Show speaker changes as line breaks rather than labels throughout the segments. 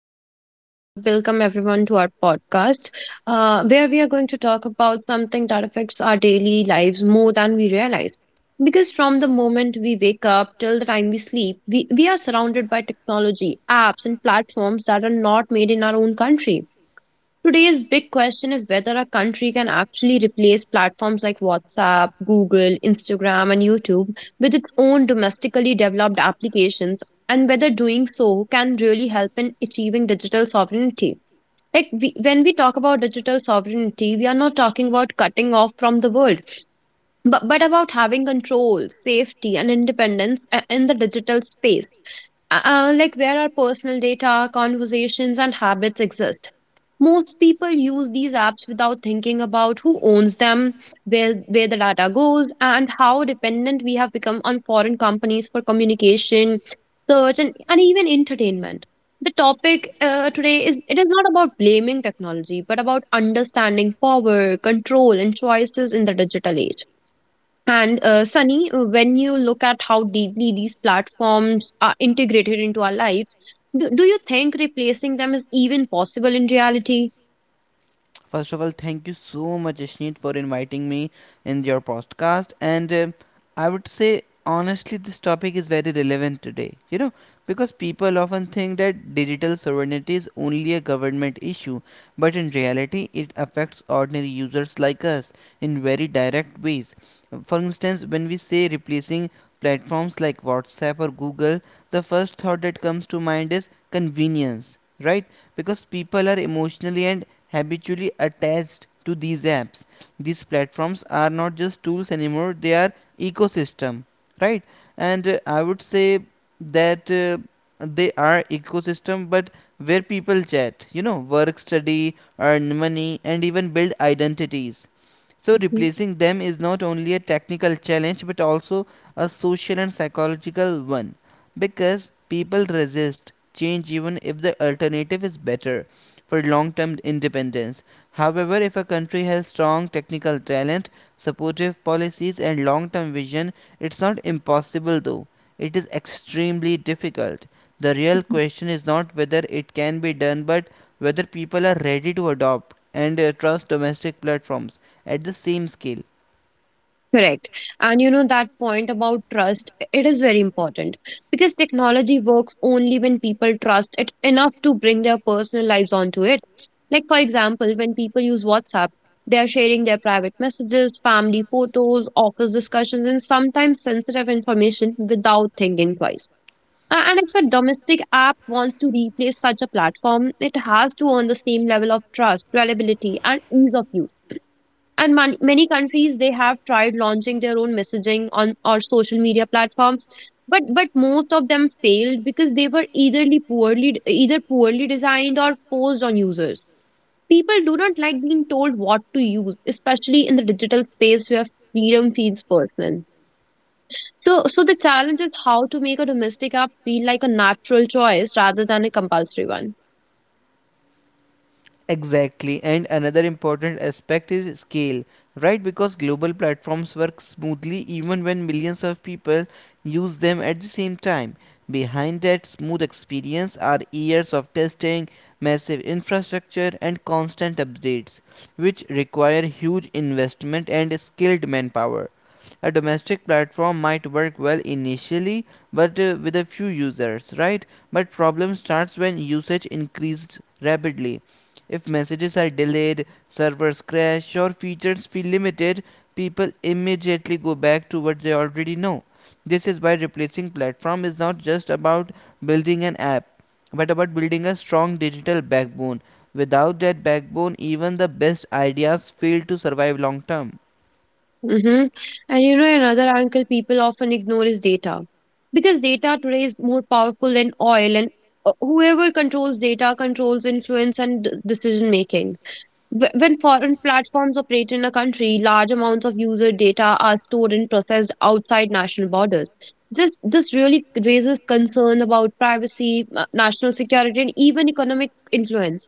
Ashneet. Welcome everyone to our podcast, where we are going to talk about something that affects our daily lives more than we realize. Because from the moment we wake up till the time we sleep, we are surrounded by technology, apps, and platforms that are not made in our own country. Today's big question is whether a country can actually replace platforms like WhatsApp, Google, Instagram, and YouTube with its own domestically developed applications, and whether doing so can really help in achieving digital sovereignty. Like we, when we talk about digital sovereignty, we are not talking about cutting off from the world, but about having control, safety, and independence in the digital space. Like where our personal data, conversations, and habits exist. Most people use these apps without thinking about who owns them, where the data goes, and how dependent we have become on foreign companies for communication, search, and even entertainment. The topic today is it is not about blaming technology, but about understanding power, control, and choices in the digital age. And Sunny, when you look at how deeply these platforms are integrated into our lives, do you think replacing them is even possible in reality?
First of all, thank you so much, Ashneet, for inviting me in your podcast. And I would say, honestly, this topic is very relevant today, you know, because people often think that digital sovereignty is only a government issue, but in reality, it affects ordinary users like us in very direct ways. For instance, when we say replacing platforms like WhatsApp or Google, the first thought that comes to mind is convenience, right? Because people are emotionally and habitually attached to these apps. These platforms are not just tools anymore, they are ecosystem, right. and I would say that They are ecosystem, but where people chat, you know, work, study, earn money, and even build identities. So replacing them is not only a technical challenge but also a social and psychological one, because people resist change even if the alternative is better for long-term independence. However, if a country has strong technical talent, supportive policies and long-term vision, it's not impossible though. It is extremely difficult. The real question is not whether it can be done, but whether people are ready to adopt and trust domestic platforms at the same scale.
Correct. And you know that point about trust, it is very important because technology works only when people trust it enough to bring their personal lives onto it. Like, for example, when people use WhatsApp, they are sharing their private messages, family photos, office discussions, and sometimes sensitive information without thinking twice. And if a domestic app wants to replace such a platform, it has to earn the same level of trust, reliability, and ease of use. And many countries they have tried launching their own messaging on or social media platforms, but most of them failed because they were either poorly designed or forced on users. People do not like being told what to use, especially in the digital space where freedom feels personal. So the challenge is how to make a domestic app feel like a natural choice rather than a compulsory one.
Exactly, and another important aspect is scale, right? Because global platforms work smoothly even when millions of people use them at the same time. Behind that smooth experience are years of testing, massive infrastructure, and constant updates, which require huge investment and skilled manpower. A domestic platform might work well initially, but with a few users, right? But problem starts when usage increased rapidly. If messages are delayed, servers crash, or features feel limited, people immediately go back to what they already know. This is why replacing platform is not just about building an app, but about building a strong digital backbone. Without that backbone, even the best ideas fail to survive long term.
Mm-hmm. And you know, another angle people often ignore is data. Because data today is more powerful than oil, and whoever controls data controls influence and decision making. When foreign platforms operate in a country, large amounts of user data are stored and processed outside national borders. This really raises concern about privacy, national security, and even economic influence.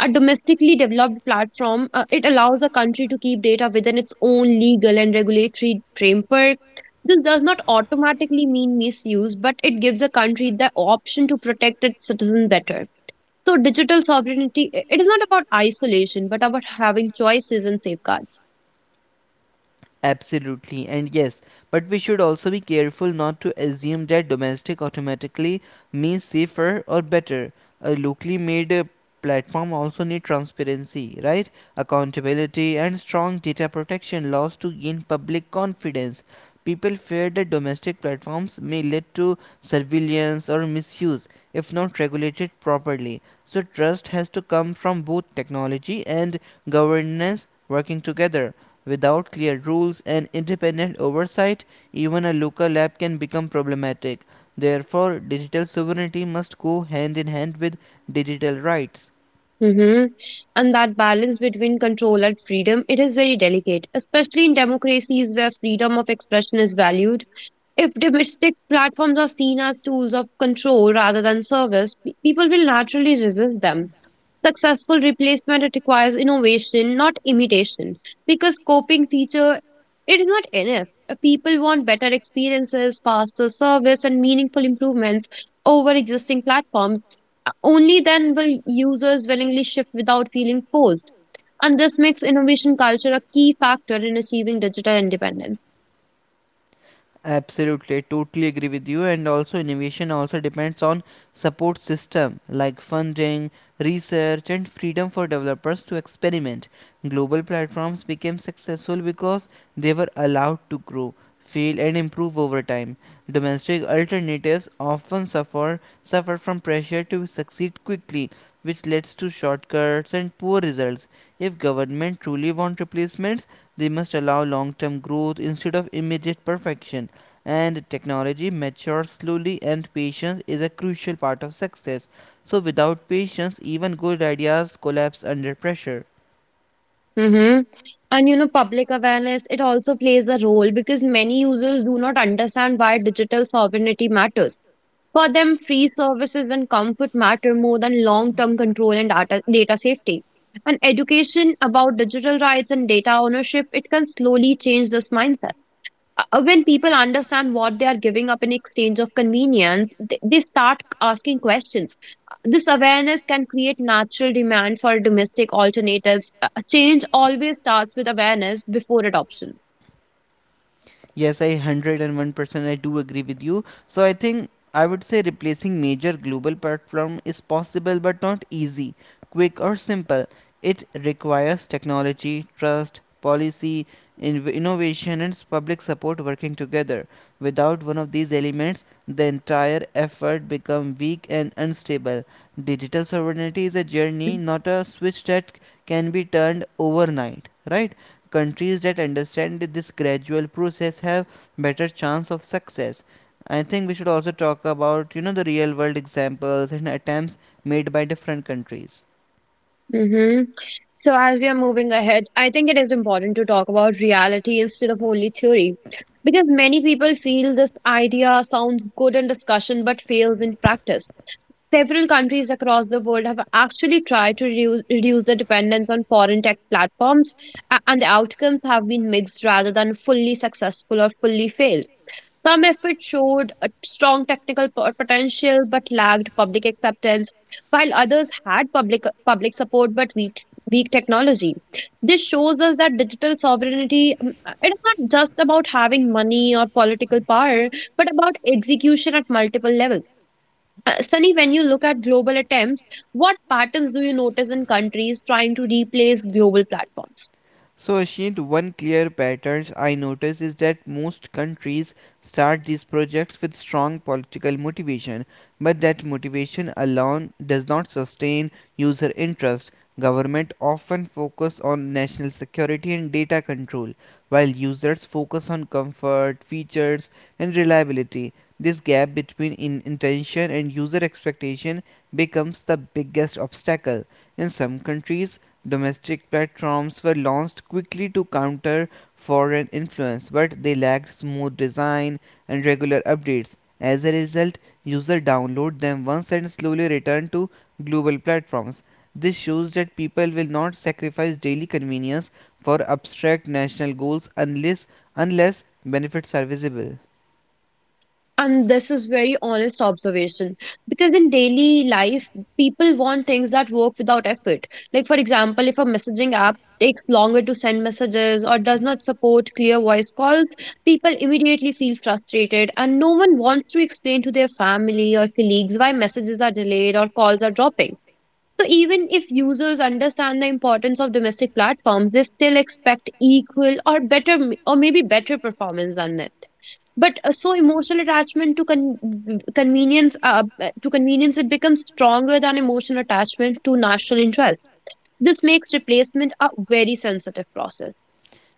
A domestically developed platform, it allows a country to keep data within its own legal and regulatory framework. This does not automatically mean misuse, but it gives a country the option to protect its citizens better. So, digital sovereignty, it is not about isolation, but about having choices and safeguards.
Absolutely, and yes, but we should also be careful not to assume that domestic automatically means safer or better. A locally made platform also need transparency, right? Accountability and strong data protection laws to gain public confidence. People fear that domestic platforms may lead to surveillance or misuse if not regulated properly. So, trust has to come from both technology and governance working together. Without clear rules and independent oversight, even a local app can become problematic. Therefore, digital sovereignty must go hand in hand with digital rights.
Hmm. And that balance between control and freedom, it is very delicate, especially in democracies where freedom of expression is valued. If domestic platforms are seen as tools of control rather than service, people will naturally resist them. Successful replacement it requires innovation, not imitation, because coping feature it is not enough. People want better experiences, faster service, and meaningful improvements over existing platforms. Only then will users willingly shift without feeling forced, and this makes innovation culture a key factor in achieving digital independence.
Absolutely, I totally agree with you. And also, innovation also depends on support system like funding, research, and freedom for developers to experiment. Global platforms became successful because they were allowed to grow, fail, and improve over time. Domestic alternatives often suffer from pressure to succeed quickly, which leads to shortcuts and poor results. If government truly want replacements, they must allow long-term growth instead of immediate perfection. And technology matures slowly, and patience is a crucial part of success. So without patience, even good ideas collapse under pressure.
Mm-hmm. And you know, public awareness, it also plays a role because many users do not understand why digital sovereignty matters. For them, free services and comfort matter more than long term control and data safety. And education about digital rights and data ownership, it can slowly change this mindset. When people understand what they are giving up in exchange of convenience, they start asking questions. This awareness can create natural demand for domestic alternatives. Change always starts with awareness before adoption.
Yes, I 101%, I do agree with you. So I think I would say replacing major global platform is possible but not easy, quick or simple. It requires technology, trust, policy, innovation and public support working together. Without one of these elements, the entire effort becomes weak and unstable. Digital sovereignty is a journey, not a switch that can be turned overnight, right? Countries that understand this gradual process have better chance of success. I think we should also talk about, you know, the real world examples and attempts made by different countries.
Hmm. So, as we are moving ahead, I think it is important to talk about reality instead of only theory. Because many people feel this idea sounds good in discussion but fails in practice. Several countries across the world have actually tried to reduce the dependence on foreign tech platforms, and the outcomes have been mixed rather than fully successful or fully failed. Some efforts showed a strong technical potential but lacked public acceptance, while others had public support but weak technology. This shows us that digital sovereignty it's not just about having money or political power, but about execution at multiple levels. Sunny, when you look at global attempts, what patterns do you notice in countries trying to replace global platforms?
So, Ashit, one clear pattern I notice is that most countries start these projects with strong political motivation, but that motivation alone does not sustain user interest. Government often focus on national security and data control, while users focus on comfort, features, and reliability. This gap between intention and user expectation becomes the biggest obstacle. In some countries, domestic platforms were launched quickly to counter foreign influence, but they lacked smooth design and regular updates. As a result, users download them once and slowly return to global platforms. This shows that people will not sacrifice daily convenience for abstract national goals unless benefits are visible.
And this is very honest observation because in daily life, people want things that work without effort. Like for example, if a messaging app takes longer to send messages or does not support clear voice calls, people immediately feel frustrated and no one wants to explain to their family or colleagues why messages are delayed or calls are dropping. So even if users understand the importance of domestic platforms, they still expect equal or better or maybe better performance than it. But emotional attachment to convenience to convenience it becomes stronger than emotional attachment to national interest. This makes replacement a very sensitive process.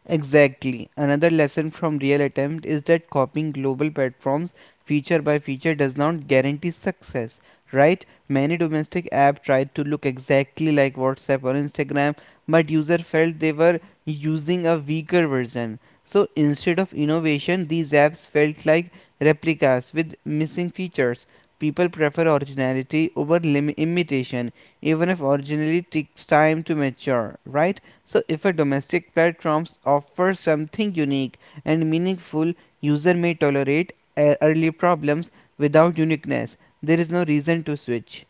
Exactly. Another lesson from Real Attempt is that copying global platforms feature by feature does not guarantee success, right? Many domestic apps tried to look exactly like WhatsApp or Instagram, but users felt they were using a weaker version. So instead of innovation, these apps felt like replicas with missing features. People prefer originality over imitation, even if originality takes time to mature, right? So if a domestic platform offers something unique and meaningful, user may tolerate early problems. Without uniqueness, there is no reason to switch.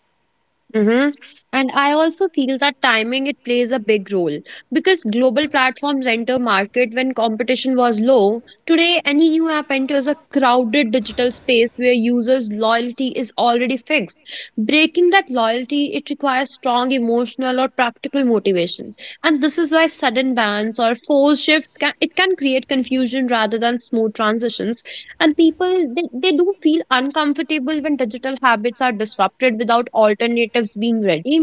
Mm-hmm. And I also feel that timing it plays a big role because global platforms enter market when competition was low. Today, any new app enters a crowded digital space where users' loyalty is already fixed. Breaking that loyalty, it requires strong emotional or practical motivation. And this is why sudden bans or forced shifts can, it can create confusion rather than smooth transitions, and people they do feel uncomfortable when digital habits are disrupted without alternatives being ready.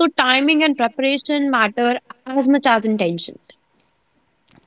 So timing and preparation matter as much as intention.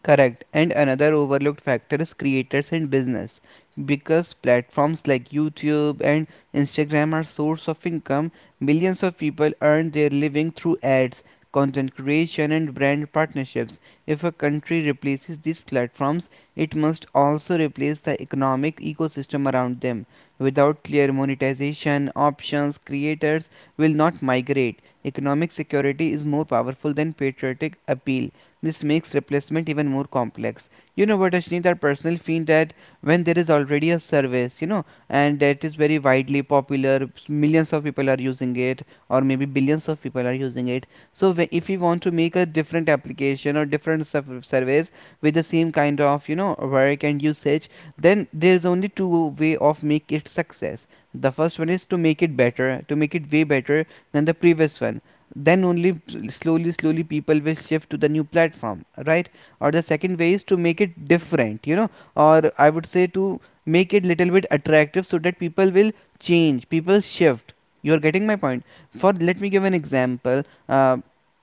Correct. And another overlooked factor is creators and business. Because platforms like YouTube and Instagram are source of income, millions of people earn their living through ads, content creation and brand partnerships. If a country replaces these platforms, it must also replace the economic ecosystem around them. Without clear monetization options, creators will not migrate. Economic security is more powerful than patriotic appeal. This makes replacement even more complex. You know what, Ashneet, I personally feel that when there is already a service, you know, and that is very widely popular, millions of people are using it, or maybe billions of people are using it. So if we want to make a different application or different service with the same kind of, you know, work and usage, then there is only two way of make it success. The first one is to make it better, to make it way better than the previous one. Then only slowly slowly people will shift to the new platform, right? Or the second way is to make it different, you know, or I would say to make it little bit attractive so that people will change, people shift. You're getting my point. For Let me give an example. uh,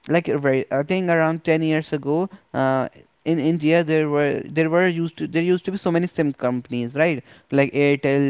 like right, I think around 10 years ago, in india there used to be so many sim companies, right? Like Airtel,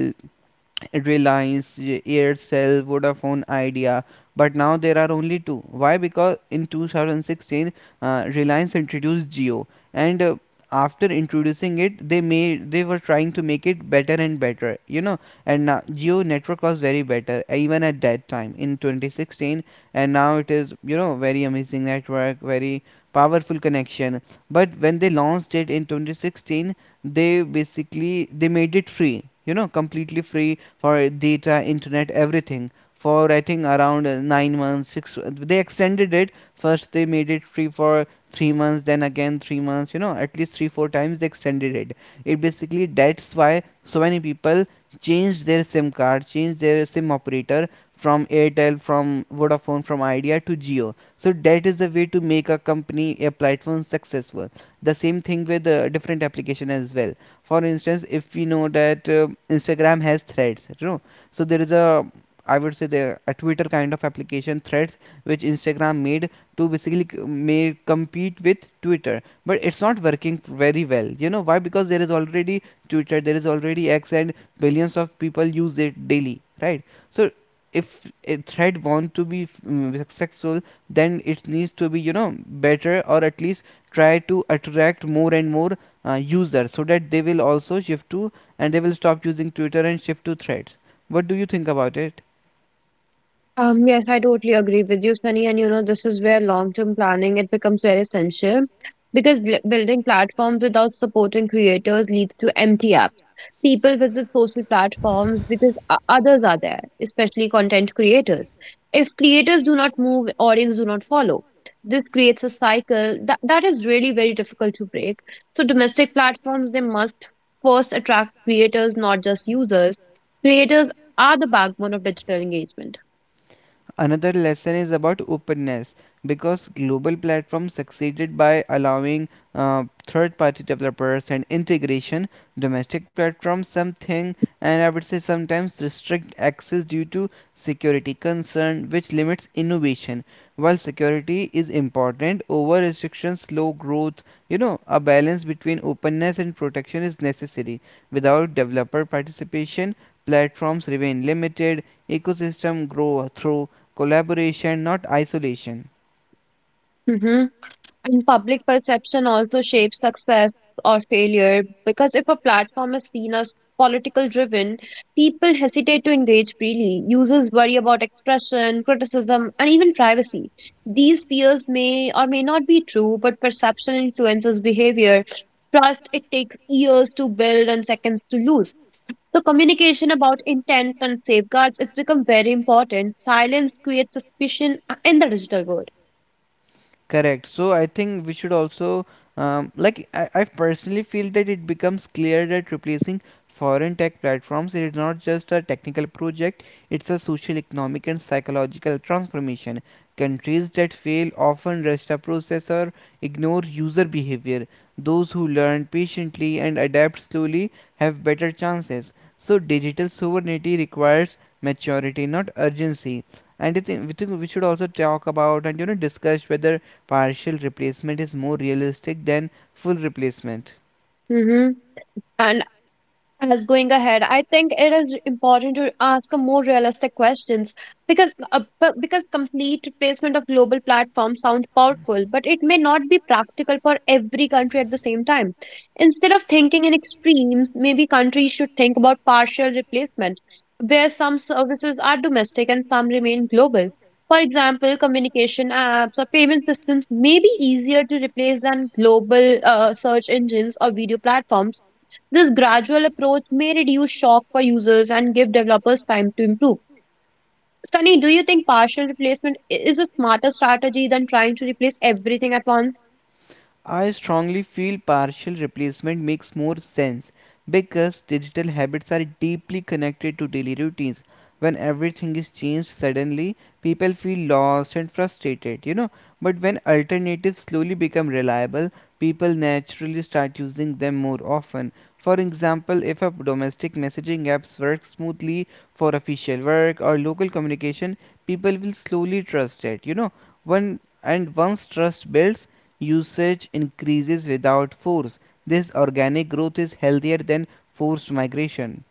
Reliance, Aircel, Vodafone Idea, but now there are only two. Why? Because in 2016, Reliance introduced Geo, and after introducing it, they were trying to make it better and better, you know. And now Geo network was very better even at that time in 2016, and now it is, you know, very amazing network, very powerful connection. But when they launched it in 2016, they made it free, you know, completely free for data, internet, everything, for I think around 9 months, six. They extended it. First they made it free for 3 months, then again 3 months. You know, at least 3 4 times they extended it. It basically That's why so many people changed their SIM card, changed their SIM operator from Airtel, from Vodafone, from Idea to Geo. So that is the way to make a company, a platform successful. The same thing with different application as well. For instance, if we know that instagram has threads, you know. So there is a, I would say, the a twitter kind of application, threads, which instagram made to basically may compete with twitter. But it's not working very well, you know why? Because there is already twitter, there is already x, and billions of people use it daily, right? So if a thread wants to be successful, then it needs to be, you know, better, or at least try to attract more and more user so that they will also shift to, and they will stop using twitter and shift to threads. What do you think about it?
Yes, I totally agree with you, Sunny. And you know, this is where long-term planning it becomes very essential because bl building platforms without supporting creators leads to empty apps. People visit social platforms because others are there, especially content creators. If creators do not move, audience do not follow. This creates a cycle that is really very difficult to break. So domestic platforms, they must first attract creators, not just users. Creators are the backbone of digital engagement.
Another lesson is about openness, because global platforms succeeded by allowing third party developers and integration. Domestic platforms, something, and I would say sometimes restrict access due to security concern, which limits innovation. While security is important, over restrictions slow growth. You know, a balance between openness and protection is necessary. Without developer participation, platforms remain limited, ecosystem grow through collaboration, not isolation.
Mhm. And public perception also shapes success or failure because if a platform is seen as political driven, people hesitate to engage freely. Users worry about expression, criticism, and even privacy. These fears may or may not be true, but perception influences behavior. Trust it takes years to build and seconds to lose. So communication about intent and safeguards it's become very important. Silence creates suspicion in the digital world.
Correct. So I think we should also, like I personally feel that it becomes clear that replacing foreign tech platforms is not just a technical project, it's a social, economic, and psychological transformation. Countries that fail often rush the process or ignore user behavior. Those who learn patiently and adapt slowly have better chances. So digital sovereignty requires maturity, not urgency. We think we should also talk about, and you know, discuss whether partial replacement is more realistic than full replacement.
Mm-hmm. As going ahead, I think it is important to ask a more realistic questions because because complete replacement of global platforms sounds powerful but it may not be practical for every country at the same time. Instead of thinking in extremes, maybe countries should think about partial replacement, where some services are domestic and some remain global. For example, communication apps or payment systems may be easier to replace than global search engines or video platforms. This gradual approach may reduce shock for users and give developers time to improve. Sunny, do you think partial replacement is a smarter strategy than trying to replace everything at once?
I strongly feel partial replacement makes more sense because digital habits are deeply connected to daily routines. When everything is changed suddenly, people feel lost and frustrated, you know. But when alternatives slowly become reliable, people naturally start using them more often. For example, if a domestic messaging apps work smoothly for official work or local communication, people will slowly trust it. One and once trust builds, usage increases without force. This organic growth is healthier than forced migration.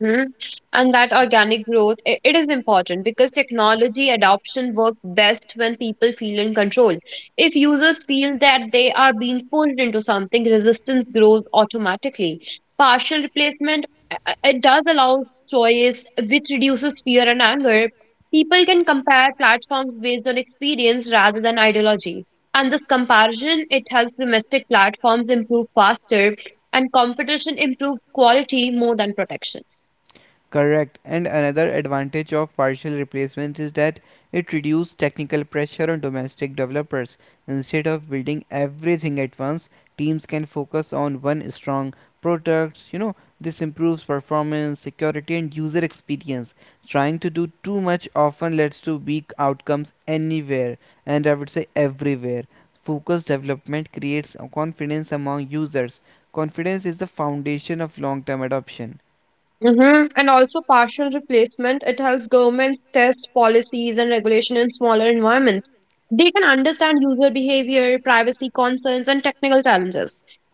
Mhm. And that organic growth, it is important because technology adoption works best when people feel in control. If users feel that they are being pushed into something, resistance grows automatically. Partial replacement, it does allow choice, which reduces fear and anger. People can compare platforms based on experience rather than ideology. And this comparison, it helps domestic platforms improve faster and competition improves quality more than protection.
Correct. And another advantage of partial replacements is that it reduces technical pressure on domestic developers. Instead of building everything at once, teams can focus on one strong product. This improves performance, security, and user experience. Trying to do too much often leads to weak outcomes anywhere, and I would say everywhere. Focused development creates a confidence among users. Confidence is the foundation of long term adoption.
Hmm. And also partial replacement, it helps governments test policies and regulation in smaller environments. They can understand user behavior, privacy concerns, and technical challenges.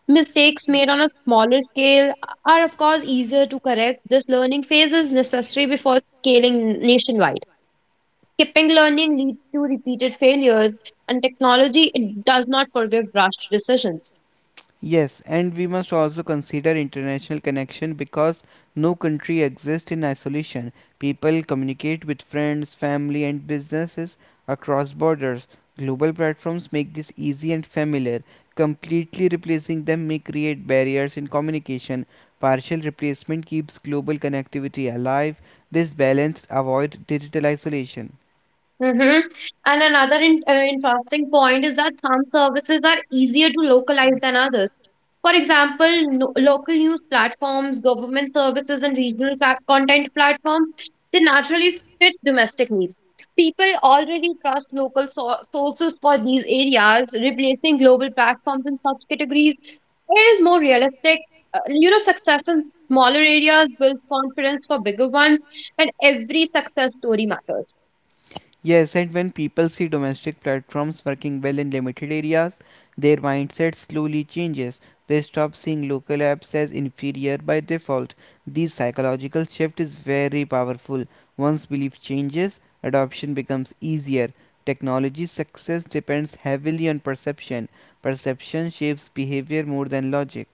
Mistakes made on a smaller scale are, of course, easier to correct. This learning phase is necessary before scaling nationwide. Skipping learning leads to repeated failures, and technology it does not forgive rushed decisions.
Yes, and we must also consider international connection because no country exists in isolation. People communicate with friends, family, and businesses across borders. Global platforms make this easy and familiar. Completely replacing them may create barriers in communication. Partial replacement keeps global connectivity alive. This balance avoids digital isolation.
Mm-hmm. And another in, interesting point is that some services are easier to localize than others. For example, no, local news platforms, government services, and regional content platforms, they naturally fit domestic needs. People already trust local sources for these areas, replacing global platforms in such categories. It is more realistic. You know, success in smaller areas builds confidence for bigger ones, and every success story matters.
Yes, and when people see domestic platforms working well in limited areas, their mindset slowly changes. They stop seeing local apps as inferior by default. This psychological shift is very powerful. Once belief changes, adoption becomes easier. Technology success depends heavily on perception. Perception shapes behavior more than logic.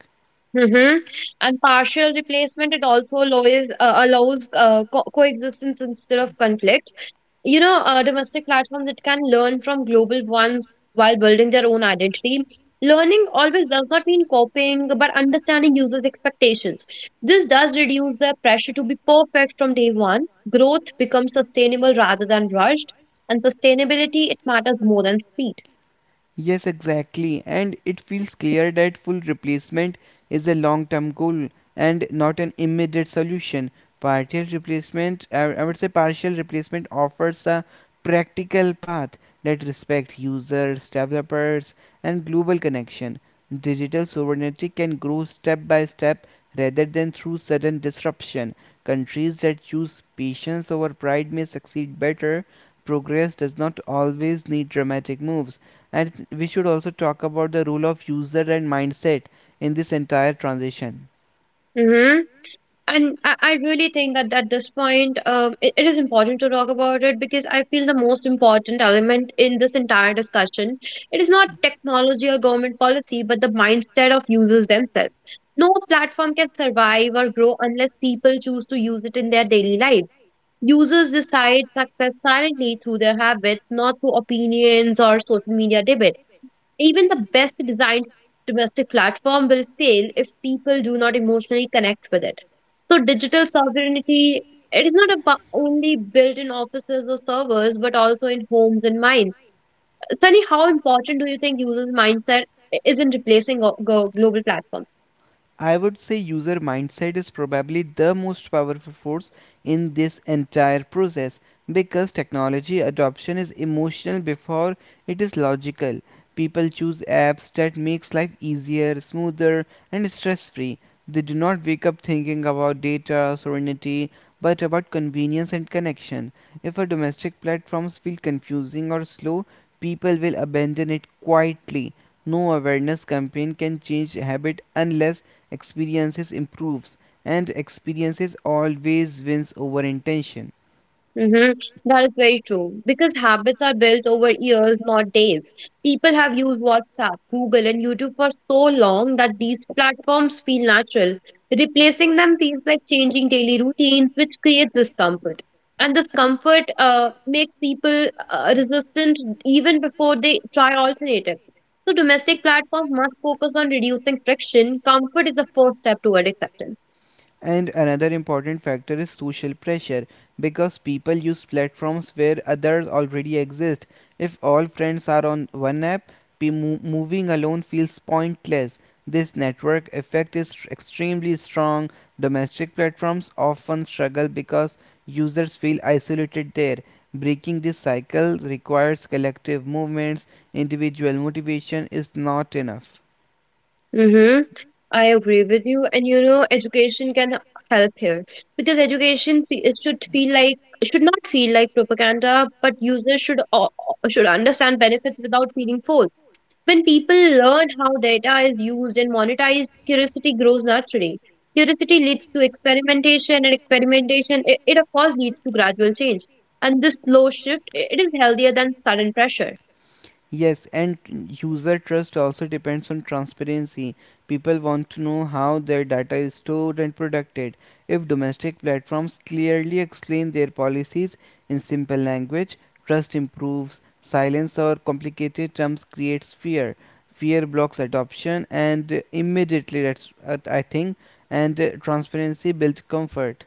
Mm-hmm. And partial replacement, it also allows, co- co-existence instead of conflict. You know, domestic platforms that can learn from global ones while building their own identity. Learning always does not mean copying, but understanding users' expectations. This does reduce the pressure to be perfect from day one. Growth becomes sustainable rather than rushed, and sustainability, it matters more than speed.
Yes, exactly. And it feels clear that full replacement is a long term goal and not an immediate solution. Partial replacement, I would say partial replacement offers a practical path that respects users, developers, and global connection. Digital sovereignty can grow step by step rather than through sudden disruption. Countries that choose patience over pride may succeed better. Progress does not always need dramatic moves, and we should also talk about the role of user and mindset in this entire transition.
Mhm. And I really think that at this point, it is important to talk about it because I feel the most important element in this entire discussion, it is not technology or government policy, but the mindset of users themselves. No platform can survive or grow unless people choose to use it in their daily life. Users decide success silently through their habits, not through opinions or social media debates. Even the best designed domestic platform will fail if people do not emotionally connect with it. So, digital sovereignty it is not about only built in offices or servers, but also in homes and minds. Sunny, how important do you think users' mindset is in replacing global platforms?
I would say user mindset is probably the most powerful force in this entire process because technology adoption is emotional before it is logical. People choose apps that makes life easier, smoother and stress-free. They do not wake up thinking about data sovereignty but about convenience and connection. If a domestic platforms feel confusing or slow, people will abandon it quietly. No awareness campaign can change habit unless experiences improves, and experiences always wins over intention.
Mm-hmm. That is very true because habits are built over years, not days. People have used WhatsApp, Google, and YouTube for so long that these platforms feel natural. Replacing them feels like changing daily routines, which creates discomfort. And this comfort makes people resistant even before they try alternatives. So, domestic platforms must focus on reducing friction. Comfort is the first step toward acceptance.
And another important factor is social pressure because people use platforms where others already exist. If all friends are on one app, moving alone feels pointless. This network effect is extremely strong. Domestic platforms often struggle because users feel isolated there. Breaking this cycle requires collective movements. Individual motivation is not enough.
Mm-hmm. I agree with you. And education can help here because it should not feel like propaganda, but users should understand benefits without feeling forced. When people learn how data is used and monetized, curiosity grows naturally. Curiosity leads to experimentation, and experimentation it of course leads to gradual change. And this slow shift it is healthier than sudden pressure.
Yes, and user trust also depends on transparency. People want to know how their data is stored and protected. If domestic platforms clearly explain their policies in simple language, trust improves. Silence or complicated terms creates fear. Fear blocks adoption, and immediately, that's what I think, and transparency builds comfort.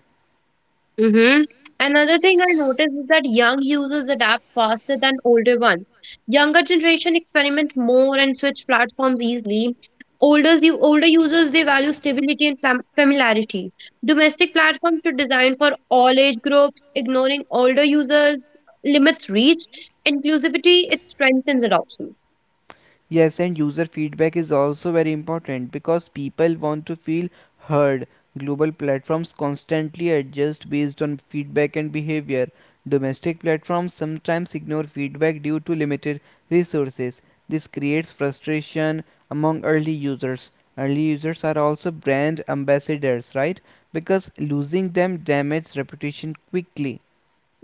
Mm-hmm. Another thing I noticed is that young users adapt faster than older ones. Younger generation experiment more and switch platforms easily. Older users they value stability and familiarity. Domestic platforms should design for all age groups, ignoring older users limits reach. Inclusivity it strengthens adoption.
Yes, and user feedback is also very important because people want to feel heard. Global platforms constantly adjust based on feedback and behavior. Domestic platforms sometimes ignore feedback due to limited resources. This creates frustration among early users. Early users are also brand ambassadors, right? Because losing them damages reputation quickly.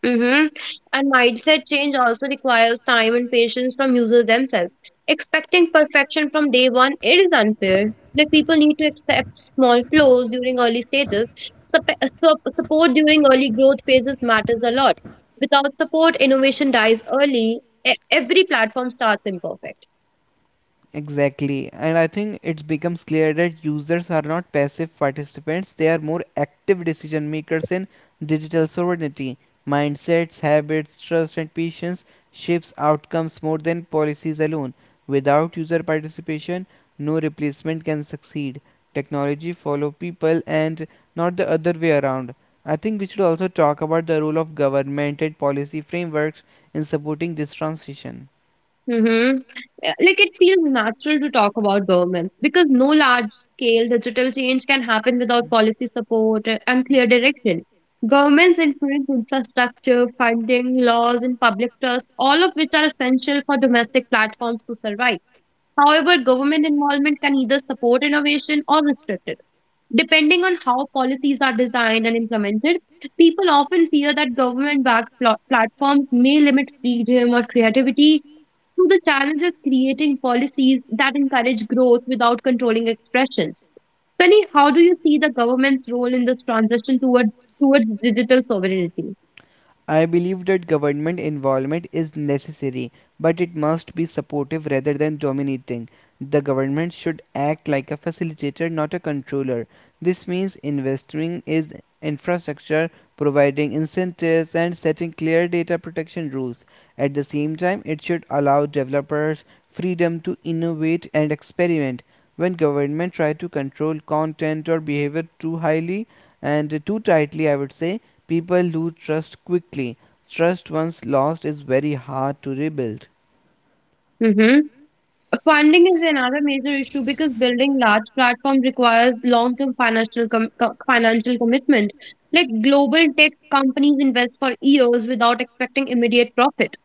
Mm-hmm. And mindset change also requires time and patience from users themselves. Expecting perfection from day one it is unfair. Like people need to accept small flaws during early stages. Sup- Support during early growth phases matters a lot. Without support, innovation dies early. Every platform starts imperfect.
Exactly, and I think it becomes clear that users are not passive participants, they are more active decision makers in digital sovereignty. Mindsets, habits, trust, and patience shapes outcomes more than policies alone. Without user participation, no replacement can succeed. Technology follow people and not the other way around. I think we should also talk about the role of government and policy frameworks in supporting this transition.
Mm-hmm. Yeah, like it feels natural to talk about governments because no large scale digital change can happen without policy support and clear direction. Governments influence infrastructure, funding, laws, and public trust, all of which are essential for domestic platforms to survive. However, government involvement can either support innovation or restrict it. Depending on how policies are designed and implemented, people often fear that government backed platforms may limit freedom or creativity. So, the challenge is creating policies that encourage growth without controlling expression. Sunny, how do you see the government's role in this transition towards digital sovereignty?
I believe that government involvement is necessary, but it must be supportive rather than dominating. The government should act like a facilitator, not a controller. This means investing in infrastructure, providing incentives, and setting clear data protection rules. At the same time, it should allow developers freedom to innovate and experiment. When government try to control content or behavior too highly and too tightly, I would say, people lose trust quickly. Trust once lost is very hard to rebuild.
Mm-hmm. Funding is another major issue because building large platforms requires long-term financial commitment. Like global tech companies invest for years without expecting immediate profit.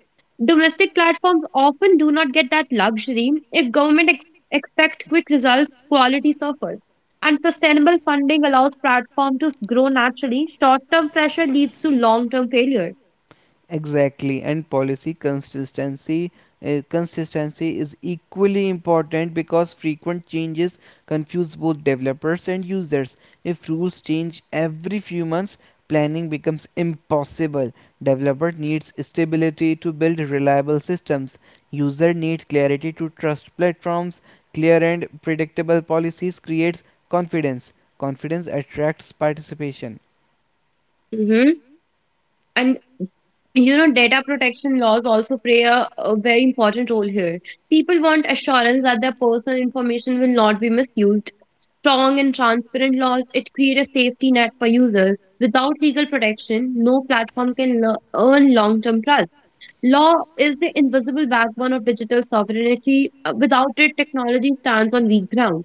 Domestic platforms often do not get that luxury. If government ex expect quick results, quality suffers. And sustainable funding allows platforms to grow naturally. Short-term pressure leads to long-term failure.
Exactly, and policy consistency consistency is equally important because frequent changes confuse both developers and users. If rules change every few months, planning becomes impossible. Developer needs stability to build reliable systems. User needs clarity to trust platforms. Clear and predictable policies creates confidence. Confidence attracts participation.
Mm-hmm. Data protection laws also play a very important role here. People want assurance that their personal information will not be misused. Strong and transparent laws, it create a safety net for users. Without legal protection, no platform can earn long-term trust. Law is the invisible backbone of digital sovereignty. Without it, technology stands on weak ground.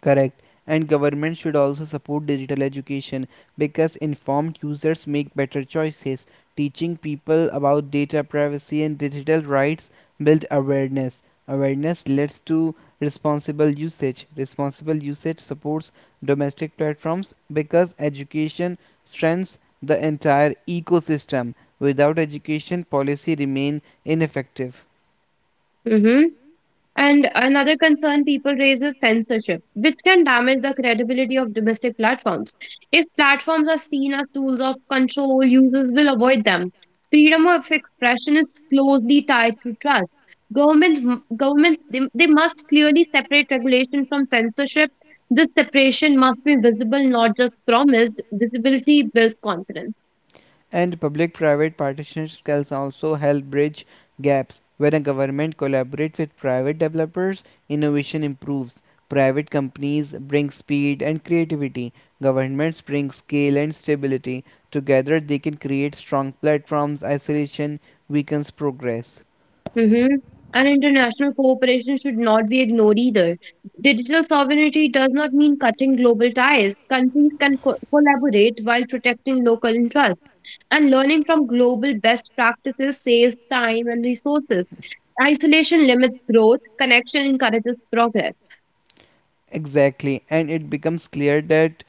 Correct. And government should also support digital education because informed users make better choices. Teaching people about data privacy and digital rights build awareness. Awareness leads to responsible usage. Responsible usage supports domestic platforms because education strengthens the entire ecosystem. Without education, policy remain ineffective.
Hmm. And another concern people raise is censorship, which can damage the credibility of domestic platforms. If platforms are seen as tools of control, users will avoid them. Freedom of expression is closely tied to trust. Governments they must clearly separate regulation from censorship. This separation must be visible, not just promised. Visibility builds confidence.
And public-private partnerships can also help bridge gaps. When a government collaborates with private developers, innovation improves. Private companies bring speed and creativity. Governments bring scale and stability. Together, they can create strong platforms. Isolation weakens progress.
Mhm. And international cooperation should not be ignored either. Digital sovereignty does not mean cutting global ties. Countries can collaborate while protecting local interests, and learning from global best practices saves time and resources. Isolation limits growth, connection encourages progress.
Exactly, and it becomes clear that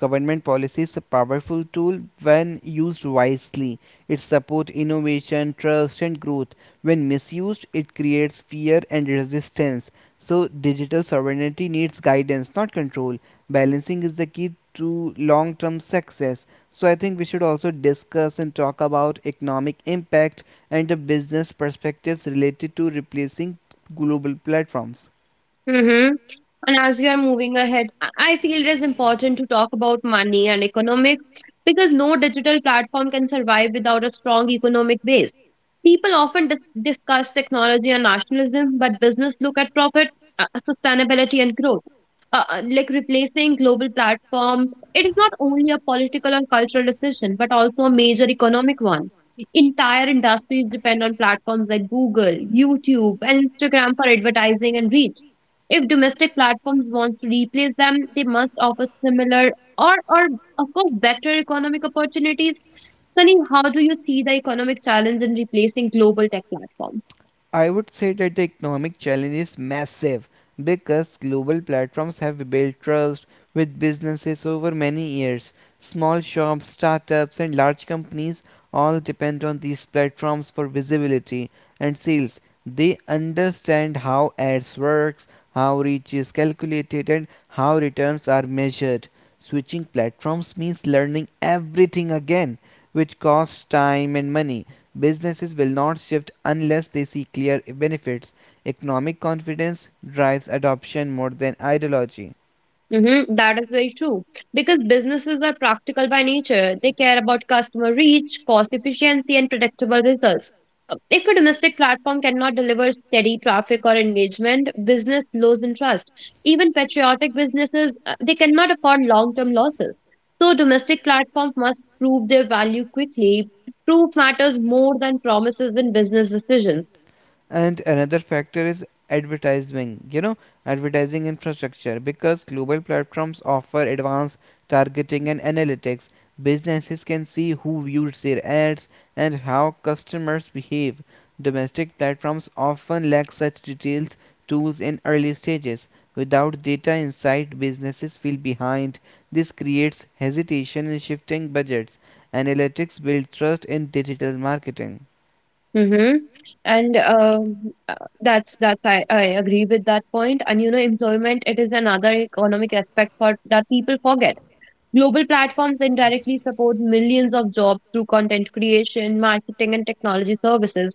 government policy is a powerful tool when used wisely. It supports innovation, trust, and growth. When misused, it creates fear and resistance. So, digital sovereignty needs guidance, not control. Balancing is the key to long term success. So, I think we should also discuss and talk about economic impact and the business perspectives related to replacing global platforms.
Mm-hmm. And as we are moving ahead, I feel it is important to talk about money and economics because no digital platform can survive without a strong economic base. People often discuss technology and nationalism, but business look at profit, sustainability, and growth. Like replacing global platform, it is not only a political or cultural decision, but also a major economic one. Entire industries depend on platforms like Google, YouTube, and Instagram for advertising and reach. If domestic platforms want to replace them, they must offer similar or of course, better economic opportunities. Sunny, how do you see the economic challenge in replacing global tech platforms?
I would say that the economic challenge is massive because global platforms have built trust with businesses over many years. Small shops, startups, and large companies all depend on these platforms for visibility and sales. They understand how ads works, how reach is calculated, and how returns are measured. Switching platforms means learning everything again, which costs time and money. Businesses will not shift unless they see clear benefits. Economic confidence drives adoption more than ideology.
Mm-hmm, that is very true because businesses are practical by nature. They care about customer reach, cost efficiency, and predictable results. If a domestic platform cannot deliver steady traffic or engagement, business loses interest. Even patriotic businesses, they cannot afford long-term losses. So domestic platforms must prove their value quickly. Proof matters more than promises in business decisions.
And another factor is advertising, advertising infrastructure because global platforms offer advanced targeting and analytics. Businesses can see who views their ads and how customers behave. Domestic platforms often lack such details tools in early stages. Without data insight, businesses feel behind. This creates hesitation in shifting budgets. Analytics build trust in digital marketing.
Mm-hmm. And uh, that's I agree with that point. And employment it is another economic aspect for that people forget. Global platforms indirectly support millions of jobs through content creation, marketing, and technology services.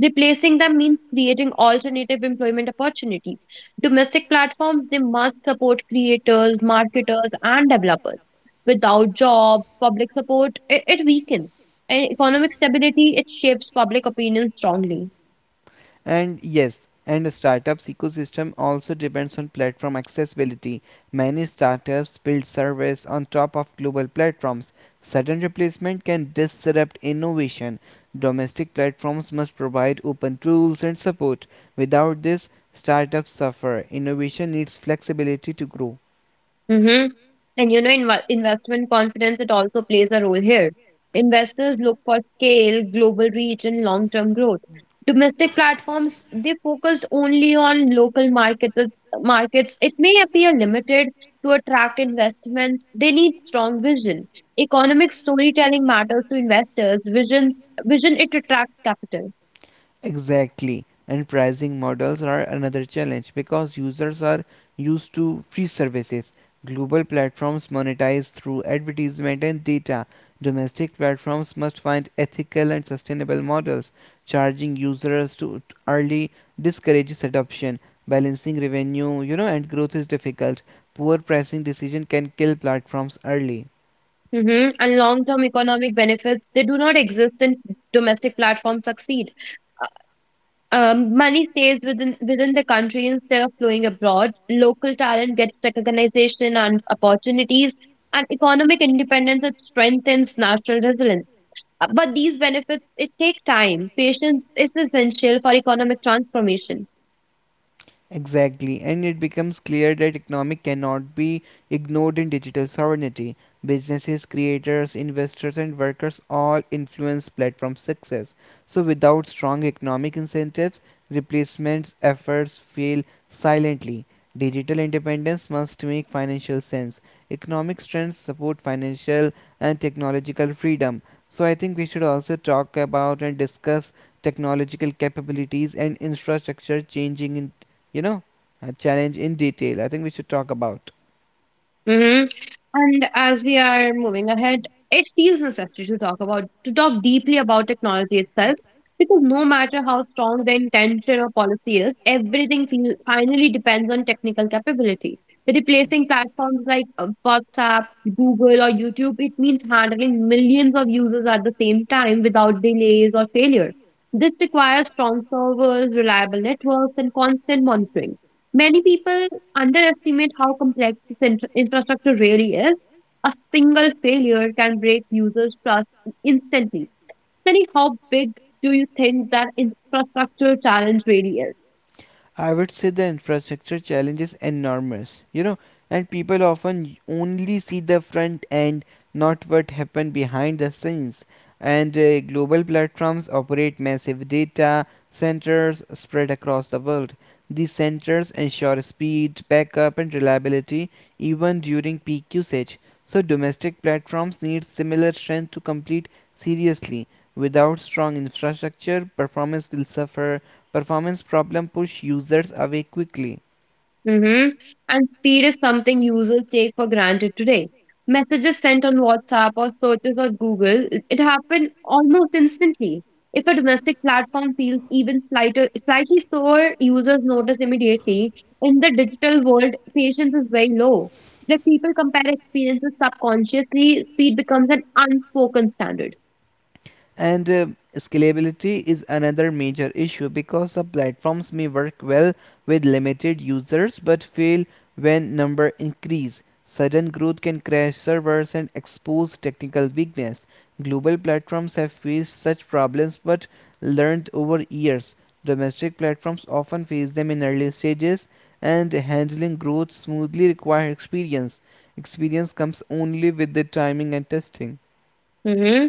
Replacing them means creating alternative employment opportunities. Domestic platforms they must support creators, marketers, and developers. Without jobs, public support, it weakens. And economic stability, it shapes public opinion strongly.
And yes, and startups ecosystem also depends on platform accessibility. Many startups build service on top of global platforms. Sudden replacement can disrupt innovation. Domestic platforms must provide open tools and support. Without this, startups suffer. Innovation needs flexibility to grow.
Mm-hmm. And investment confidence, it also plays a role here. Investors look for scale, global reach, and long term growth. Domestic platforms, they focus only on local markets. It may appear limited to attract investments. They need strong vision. Economic storytelling matters to investors. Vision it attracts capital.
Exactly. And pricing models are another challenge because users are used to free services. Global platforms monetize through advertisement and data. Domestic platforms must find ethical and sustainable models. Charging users to early discourages adoption. Balancing revenue, and growth is difficult. Poor pricing decision can kill platforms early.
Mm-hmm. And long term economic benefits, they do not exist in domestic platforms succeed. Money stays within the country instead of flowing abroad. Local talent gets recognition and opportunities, and economic independence it strengthens national resilience. But these benefits it take time. Patience is essential for economic transformation.
Exactly, and it becomes clear that economic cannot be ignored in digital sovereignty. Businesses, creators, investors, and workers all influence platform success. So, without strong economic incentives, replacement efforts fail silently. Digital independence must make financial sense. Economic strengths support financial and technological freedom. So, I think we should also talk about and discuss technological capabilities and infrastructure changing in you know, a challenge in detail. I think we should talk about.
Mm-hmm. And as we are moving ahead, it feels necessary to talk deeply about technology itself because no matter how strong the intention or policy is, everything finally depends on technical capability. Replacing platforms like WhatsApp, Google, or YouTube, it means handling millions of users at the same time without delays or failure. This requires strong servers, reliable networks, and constant monitoring. Many people underestimate how complex this infrastructure really is. A single failure can break users' trust instantly. Tell me, how big do you think that infrastructure challenge really is?
I would say the infrastructure challenge is enormous, and people often only see the front end, not what happened behind the scenes. And global platforms operate massive data centers spread across the world. These centers ensure speed, backup, and reliability even during peak usage. So domestic platforms need similar strength to compete seriously. Without strong infrastructure, performance will suffer. Performance problems push users away quickly.
Mm-hmm. And speed is something users take for granted today. Messages sent on WhatsApp or searches on Google, it happen almost instantly. If a domestic platform feels even slightly slower, users notice immediately. In the digital world, patience is very low. Like people compare experiences subconsciously, speed becomes an unspoken standard.
And scalability is another major issue because the platforms may work well with limited users but fail when number increase. Sudden growth can crash servers and expose technical weakness. Global platforms have faced such problems but learned over years. Domestic platforms often face them in early stages, and handling growth smoothly requires experience. Experience comes only with the timing and testing.
Hmm.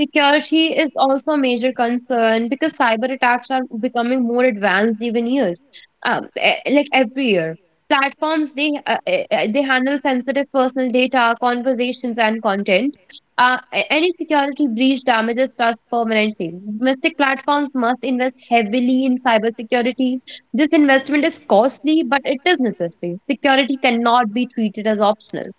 Security is also a major concern because cyber attacks are becoming more advanced like every year. Platforms they handle sensitive personal data, conversations, and content. Any security breach damages trust permanently. Domestic platforms must invest heavily in cybersecurity. This investment is costly, but it is necessary. Security cannot be treated as optional.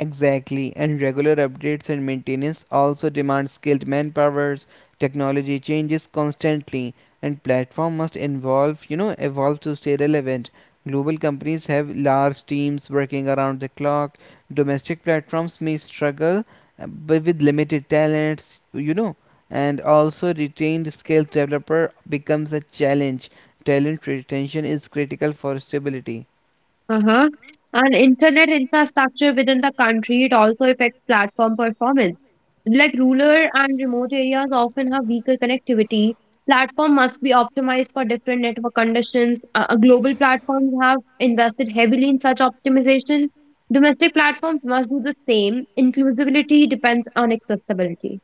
Exactly, and regular updates and maintenance also demand skilled manpower. Technology changes constantly, and platform must involve, evolve to stay relevant. Global companies have large teams working around the clock. Domestic platforms may struggle but with limited talents, and also retained skilled developer becomes a challenge. Talent retention is critical for stability.
Uh-huh. And internet infrastructure within the country, it also affects platform performance. Like rural and remote areas often have weaker connectivity. Platform must be optimized for different network conditions. Global platforms have invested heavily in such optimization. Domestic platforms must do the same. Inclusivity depends on accessibility.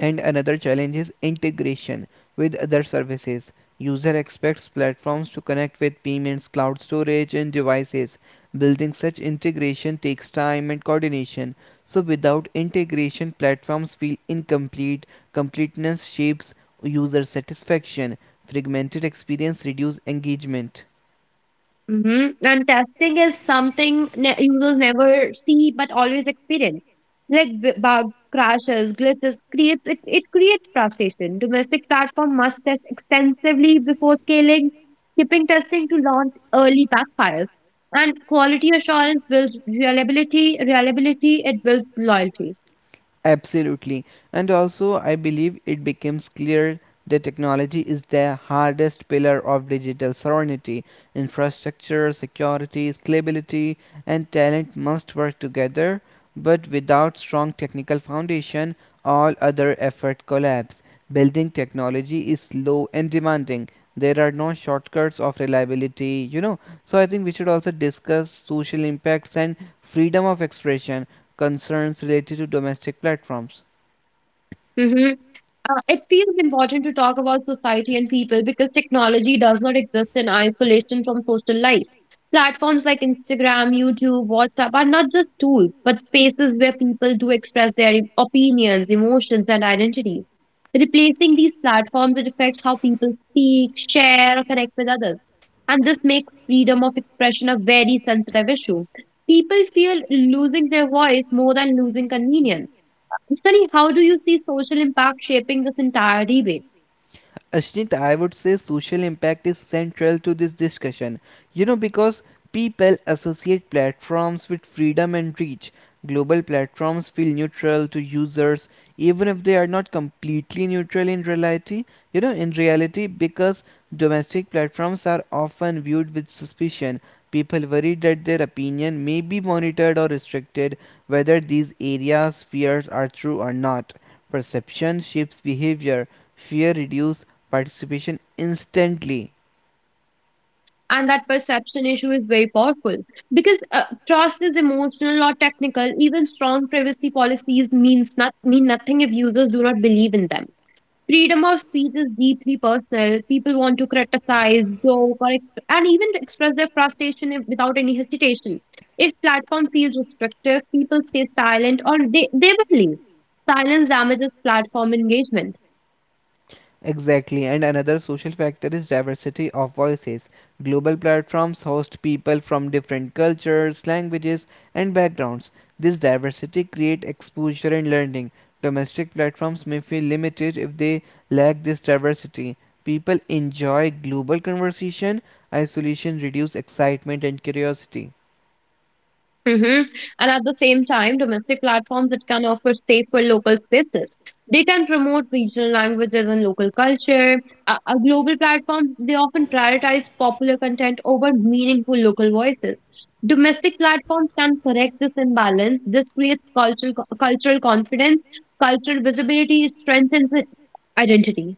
And another challenge is integration with other services. User expects platforms to connect with payments, cloud storage, and devices. Building such integration takes time and coordination. So without integration, platforms feel incomplete. Completeness shapes user satisfaction. Fragmented experience reduces engagement.
Hmm. And testing is something users never see but always experience. Like bugs, crashes, glitches, it creates frustration. Domestic platform must test extensively before scaling. Keeping testing to launch early backfires. And quality assurance builds reliability. Reliability it builds loyalty.
Absolutely. And also, I believe it becomes clear that technology is the hardest pillar of digital sovereignty. Infrastructure, security, scalability, and talent must work together, but without strong technical foundation, all other effort collapse. Building technology is slow and demanding. There are no shortcuts of reliability. So I think we should also discuss social impacts and freedom of expression concerns related to domestic platforms.
Mm-hmm. It feels important to talk about society and people because technology does not exist in isolation from social life. Platforms like Instagram, YouTube, WhatsApp are not just tools, but spaces where people do express their opinions, emotions, and identities. Replacing these platforms, it affects how people speak, share, or connect with others. And this makes freedom of expression a very sensitive issue. People feel losing their voice more than losing convenience. Sunny, how do you see social impact shaping this entire debate?
Ashneet, I would say social impact is central to this discussion. Because people associate platforms with freedom and reach. Global platforms feel neutral to users, even if they are not completely neutral in reality. Because domestic platforms are often viewed with suspicion. People worry that their opinion may be monitored or restricted, whether these areas fears are true or not. Perception shapes behavior. Fear reduces participation instantly.
And that perception issue is very powerful because trust is emotional or technical. Even strong privacy policies means not mean nothing if users do not believe in them. Freedom of speech is deeply personal. People want to criticize, joke, or and even to express their frustration if, without any hesitation. If platform feels restrictive, people stay silent or they will leave. Silence damages platform engagement.
Exactly. And another social factor is diversity of voices. Global platforms host people from different cultures, languages, and backgrounds. This diversity creates exposure and learning. Domestic platforms may feel limited if they lack this diversity. People enjoy global conversation. Isolation reduces excitement and curiosity.
Hmm. And at the same time, domestic platforms that can offer safer local spaces. They can promote regional languages and local culture. A global platforms they often prioritize popular content over meaningful local voices. Domestic platforms can correct this imbalance. This creates cultural confidence, cultural visibility, strengthens identity.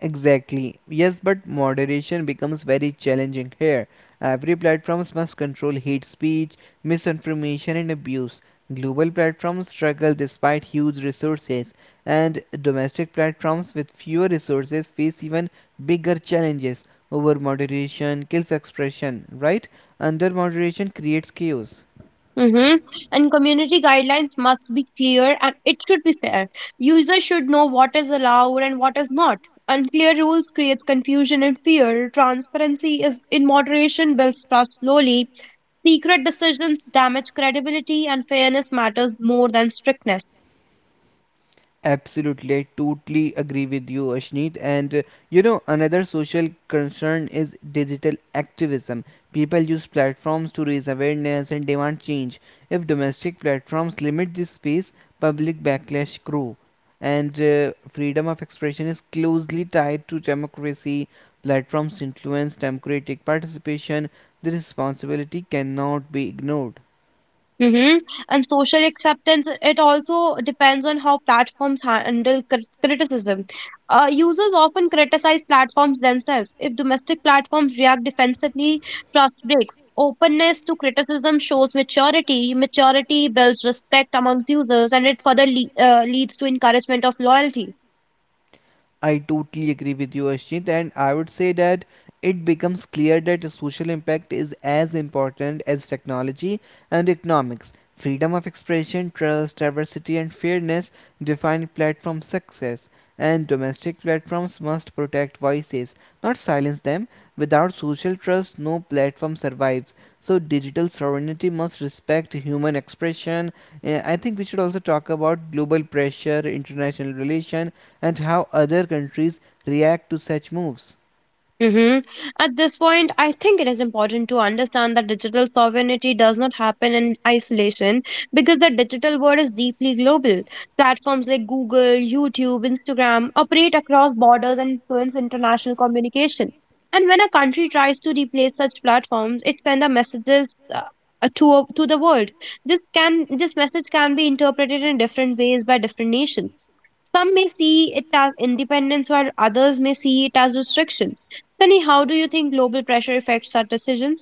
Exactly. Yes, but moderation becomes very challenging here. Every platforms must control hate speech, misinformation and abuse. Global platforms struggle despite huge resources, and domestic platforms with fewer resources face even bigger challenges. Over moderation kills expression, right? Under moderation creates chaos.
Mm-hmm. And community guidelines must be clear and it should be fair. Users should know what is allowed and what is not. Unclear rules creates confusion and fear. Transparency is in moderation builds trust slowly. Secret decisions damage credibility, and fairness matters more than strictness.
Absolutely, I totally agree with you, Ashneet. And another social concern is digital activism. People use platforms to raise awareness and demand change. If domestic platforms limit this space, public backlash grow. And freedom of expression is closely tied to democracy. Platforms influence democratic participation. The responsibility cannot be ignored.
Mhm. And social acceptance, it also depends on how platforms handle criticism. Users often criticize platforms themselves. If domestic platforms react defensively, trust breaks. Openness to criticism shows maturity. Maturity builds respect amongst users and it further leads to encouragement of loyalty.
I totally agree with you, Ashjit, and I would say that it becomes clear that the social impact is as important as technology and economics. Freedom of expression, trust, diversity, and fairness define platform success, and domestic platforms must protect voices, not silence them. Without social trust, no platform survives. So, digital sovereignty must respect human expression. I think we should also talk about global pressure, international relation, and how other countries react to such moves.
Hmm. At this point, I think it is important to understand that digital sovereignty does not happen in isolation because the digital world is deeply global. Platforms like Google, YouTube, Instagram operate across borders and influence international communication. And when a country tries to replace such platforms, it sends a messages uh, to the world. This message can be interpreted in different ways by different nations. Some may see it as independence, while others may see it as restriction. Sunny, how do you think global pressure affects our decisions?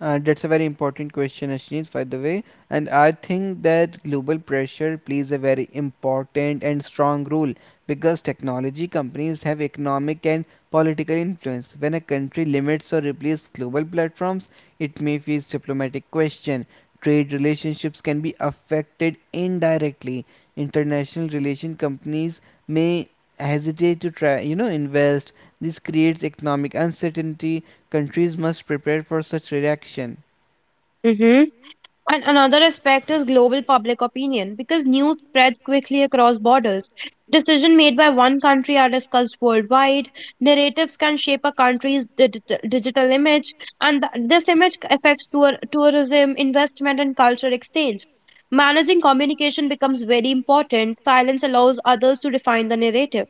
That's a very important question, Ashneet, by the way. And I think that global pressure plays a very important and strong role because technology companies have economic and political influence. When a country limits or replaces global platforms, it may face diplomatic question. Trade relationships can be affected indirectly. International relation companies may hesitate to invest. This creates economic uncertainty countries must prepare for such reaction.
Hmm. And another aspect is global public opinion because news spreads quickly across borders. Decisions made by one country are discussed worldwide. Narratives can shape a country's digital image, and this image affects tourism, investment, and culture exchange. Managing communication becomes very important. Silence allows others to define the narrative.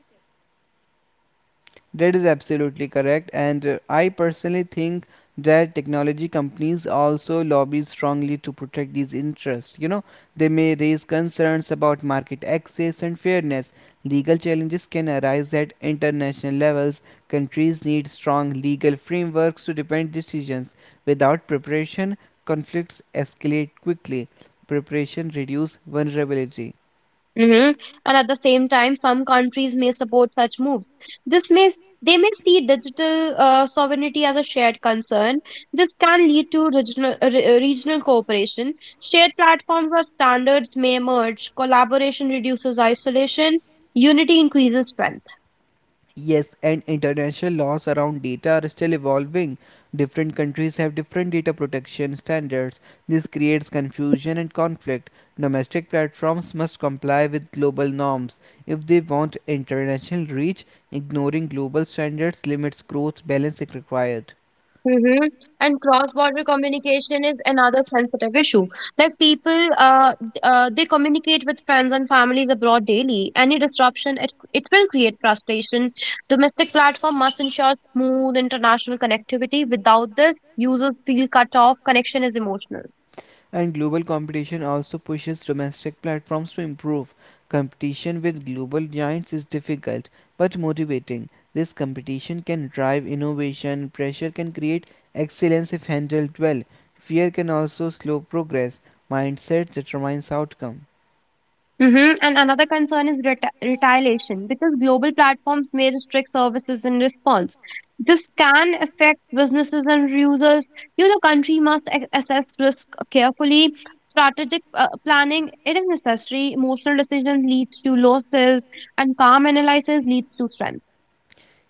That is absolutely correct, and I personally think that technology companies also lobby strongly to protect these interests. You know, they may raise concerns about market access and fairness. Legal challenges can arise at international levels. Countries need strong legal frameworks to defend decisions. Without preparation, conflicts escalate quickly. Preparation reduces vulnerability.
Hmm. And at the same time, some countries may support such moves. This may s- they may see digital sovereignty as a shared concern. This can lead to regional regional cooperation. Shared platforms or standards may emerge. Collaboration reduces isolation. Unity increases strength.
Yes, and international laws around data are still evolving. Different countries have different data protection standards. This creates confusion and conflict. Domestic platforms must comply with global norms if they want international reach. Ignoring global standards limits growth, balance is required.
Mm-hmm. And cross-border communication is another sensitive issue. Like people, they communicate with friends and families abroad daily. Any disruption, it will create frustration. Domestic platform must ensure smooth international connectivity. Without this, users feel cut off. Connection is emotional.
And global competition also pushes domestic platforms to improve. Competition with global giants is difficult but motivating. This competition can drive innovation, pressure can create excellence if handled well. Fear can also slow progress. Mindset determines outcome.
Mhm. And another concern is reti retaliation because global platforms may restrict services in response. This can affect businesses and users. You know, country must assess risk carefully. Strategic planning it is necessary. Emotional decisions lead to losses and calm analysis leads to strength.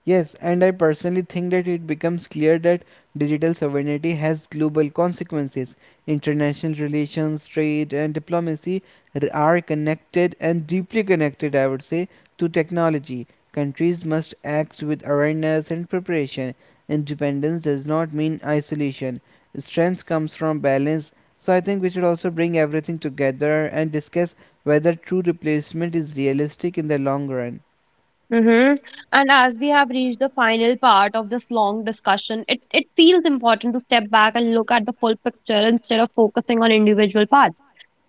Yes, and I personally think that it becomes clear that digital sovereignty has global consequences. International relations, trade, and diplomacy are connected and deeply connected, I would say, to technology. Countries must act with awareness and preparation. Independence does not mean isolation. Strength comes from balance. So I think we should also bring everything together and discuss whether true replacement is realistic in the long run.
Mm-hmm. And as we have reached the final part of this long discussion, it feels important to step back and look at the full picture instead of focusing on individual parts.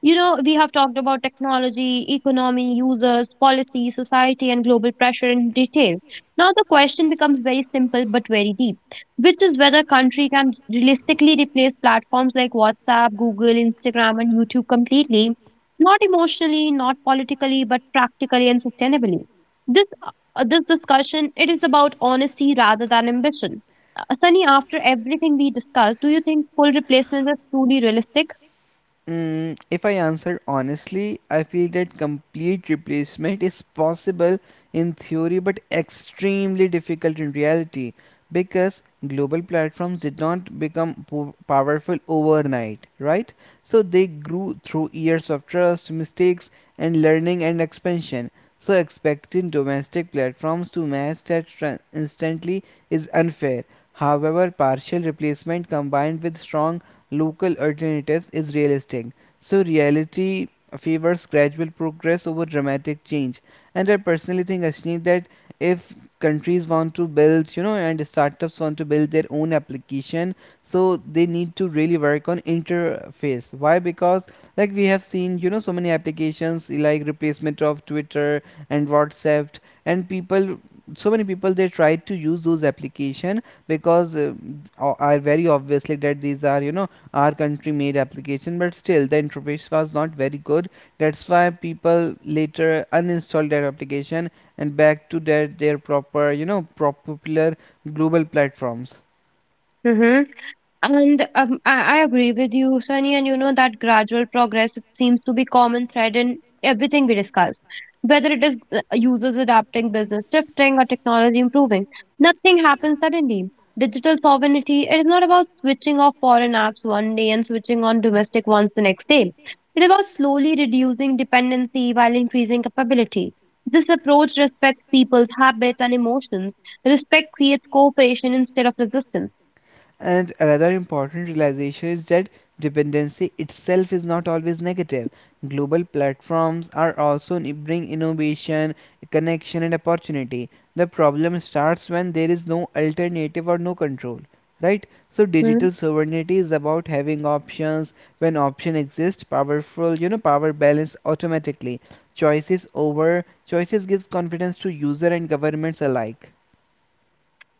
You know, we have talked about technology, economy, users, policy, society, and global pressure in detail. Now, the question becomes very simple but very deep, which is whether country can realistically replace platforms like WhatsApp, Google, Instagram, and YouTube completely, not emotionally, not politically, but practically and sustainably. This discussion it is about honesty rather than ambition. Sunny, after everything we discussed, do you think full replacement is truly realistic?
If I answer honestly, I feel that complete replacement is possible in theory but extremely difficult in reality because global platforms did not become powerful overnight, right? So they grew through years of trust, mistakes, and learning and expansion. So expecting domestic platforms to match that instantly is unfair. However, partial replacement combined with strong local alternatives is realistic, so reality favors gradual progress over dramatic change. And I personally think, Ashni, that if countries want to build, you know, and startups want to build their own application, so they need to really work on interface. Why? Because like we have seen, you know, so many applications like replacement of Twitter and WhatsApp, and people, so many people they try to use those application because are very obviously that these are, you know, our country made application but still the interface was not very good, that's why people later uninstalled that application and back to their proper, you know, popular global platforms.
Mhm. And I agree with you, Sunny, and you know that gradual progress it seems to be common thread in everything we discuss. Whether it is users adapting, business shifting, or technology improving, nothing happens suddenly. Digital sovereignty it is not about switching off foreign apps one day and switching on domestic ones the next day. It is about slowly reducing dependency while increasing capability. This approach respects people's habits and emotions. Respect creates cooperation instead of resistance.
And another important realization is that dependency itself is not always negative. Global platforms are also bring innovation, connection, and opportunity. The problem starts when there is no alternative or no control, right? So
Hmm?
digital sovereignty is about having options. When option exist, powerful, you know, power balance automatically. Choices over choices gives confidence to user and governments alike.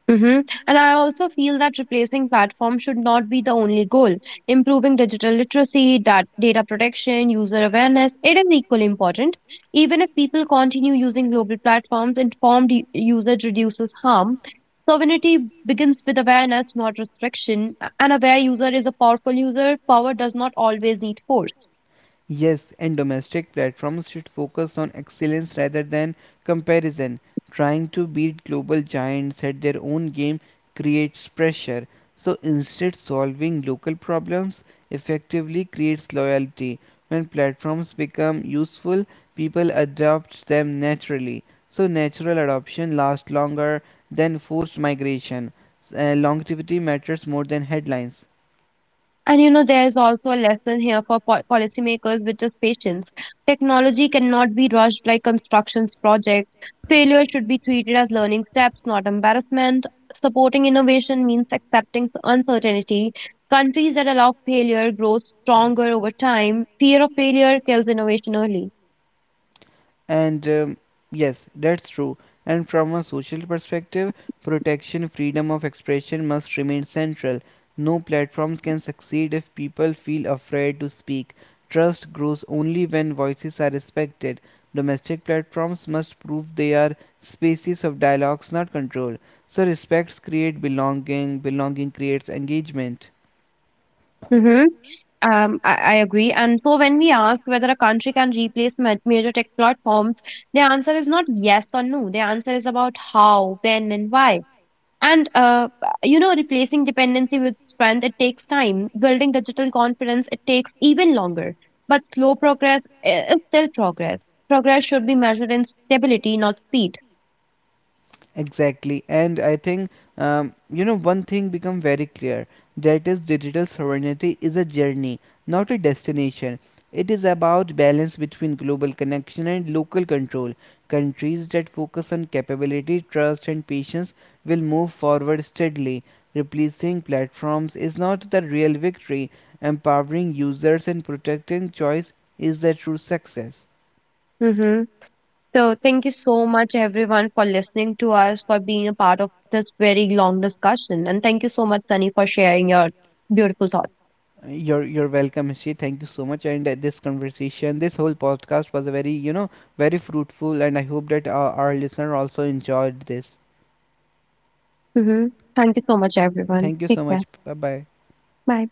Mm-hmm. And I also feel that replacing platforms should not be the only goal. Improving digital literacy, data protection, user awareness, it is equally important. Even if people continue using global platforms, informed usage reduces harm. Sovereignty begins with awareness, not restriction. An aware user is a powerful user. Power does not always need force.
Yes, and domestic platforms should focus on excellence rather than comparison. Trying to beat global giants at their own game creates pressure. So instead, solving local problems effectively creates loyalty. When platforms become useful, people adopt them naturally. So natural adoption lasts longer than forced migration. Longevity matters more than headlines.
And you know, there's also a lesson here for policymakers, which is patience. Technology cannot be rushed like construction projects. Failure should be treated as learning steps, not embarrassment. Supporting innovation means accepting uncertainty. Countries that allow failure grow stronger over time. Fear of failure kills innovation early.
And Yes, that's true. And from a social perspective, protection freedom of expression must remain central. No platforms can succeed if people feel afraid to speak. Trust grows only when voices are respected. Domestic platforms must prove they are spaces of dialogues, not control. So respects create belonging, belonging creates engagement.
Mm-hmm. I agree. And so when we ask whether a country can replace major tech platforms, the answer is not yes or no. The answer is about how, when, and why. And you know, replacing dependency with strength, it takes time. Building digital confidence, it takes even longer. But slow progress is still progress. Progress should be measured in stability, not speed.
Exactly, and I think you know, one thing become very clear, that is digital sovereignty is a journey, not a destination. It is about balance between global connection and local control. Countries that focus on capability, trust, and patience will move forward steadily. Replacing platforms is not the real victory. Empowering users and protecting choice is the true success.
Mm-hmm. So, thank you so much, everyone, for listening to us, for being a part of this very long discussion. And thank you so much, Sunny, for sharing your beautiful thoughts.
You're welcome, Hishi. Thank you so much. And this conversation, this whole podcast was a very, you know, very fruitful, and I hope that our listener also enjoyed this.
Hmm. Thank you so much, everyone.
Thank you
Take
so
care.
much. Bye bye.
Bye.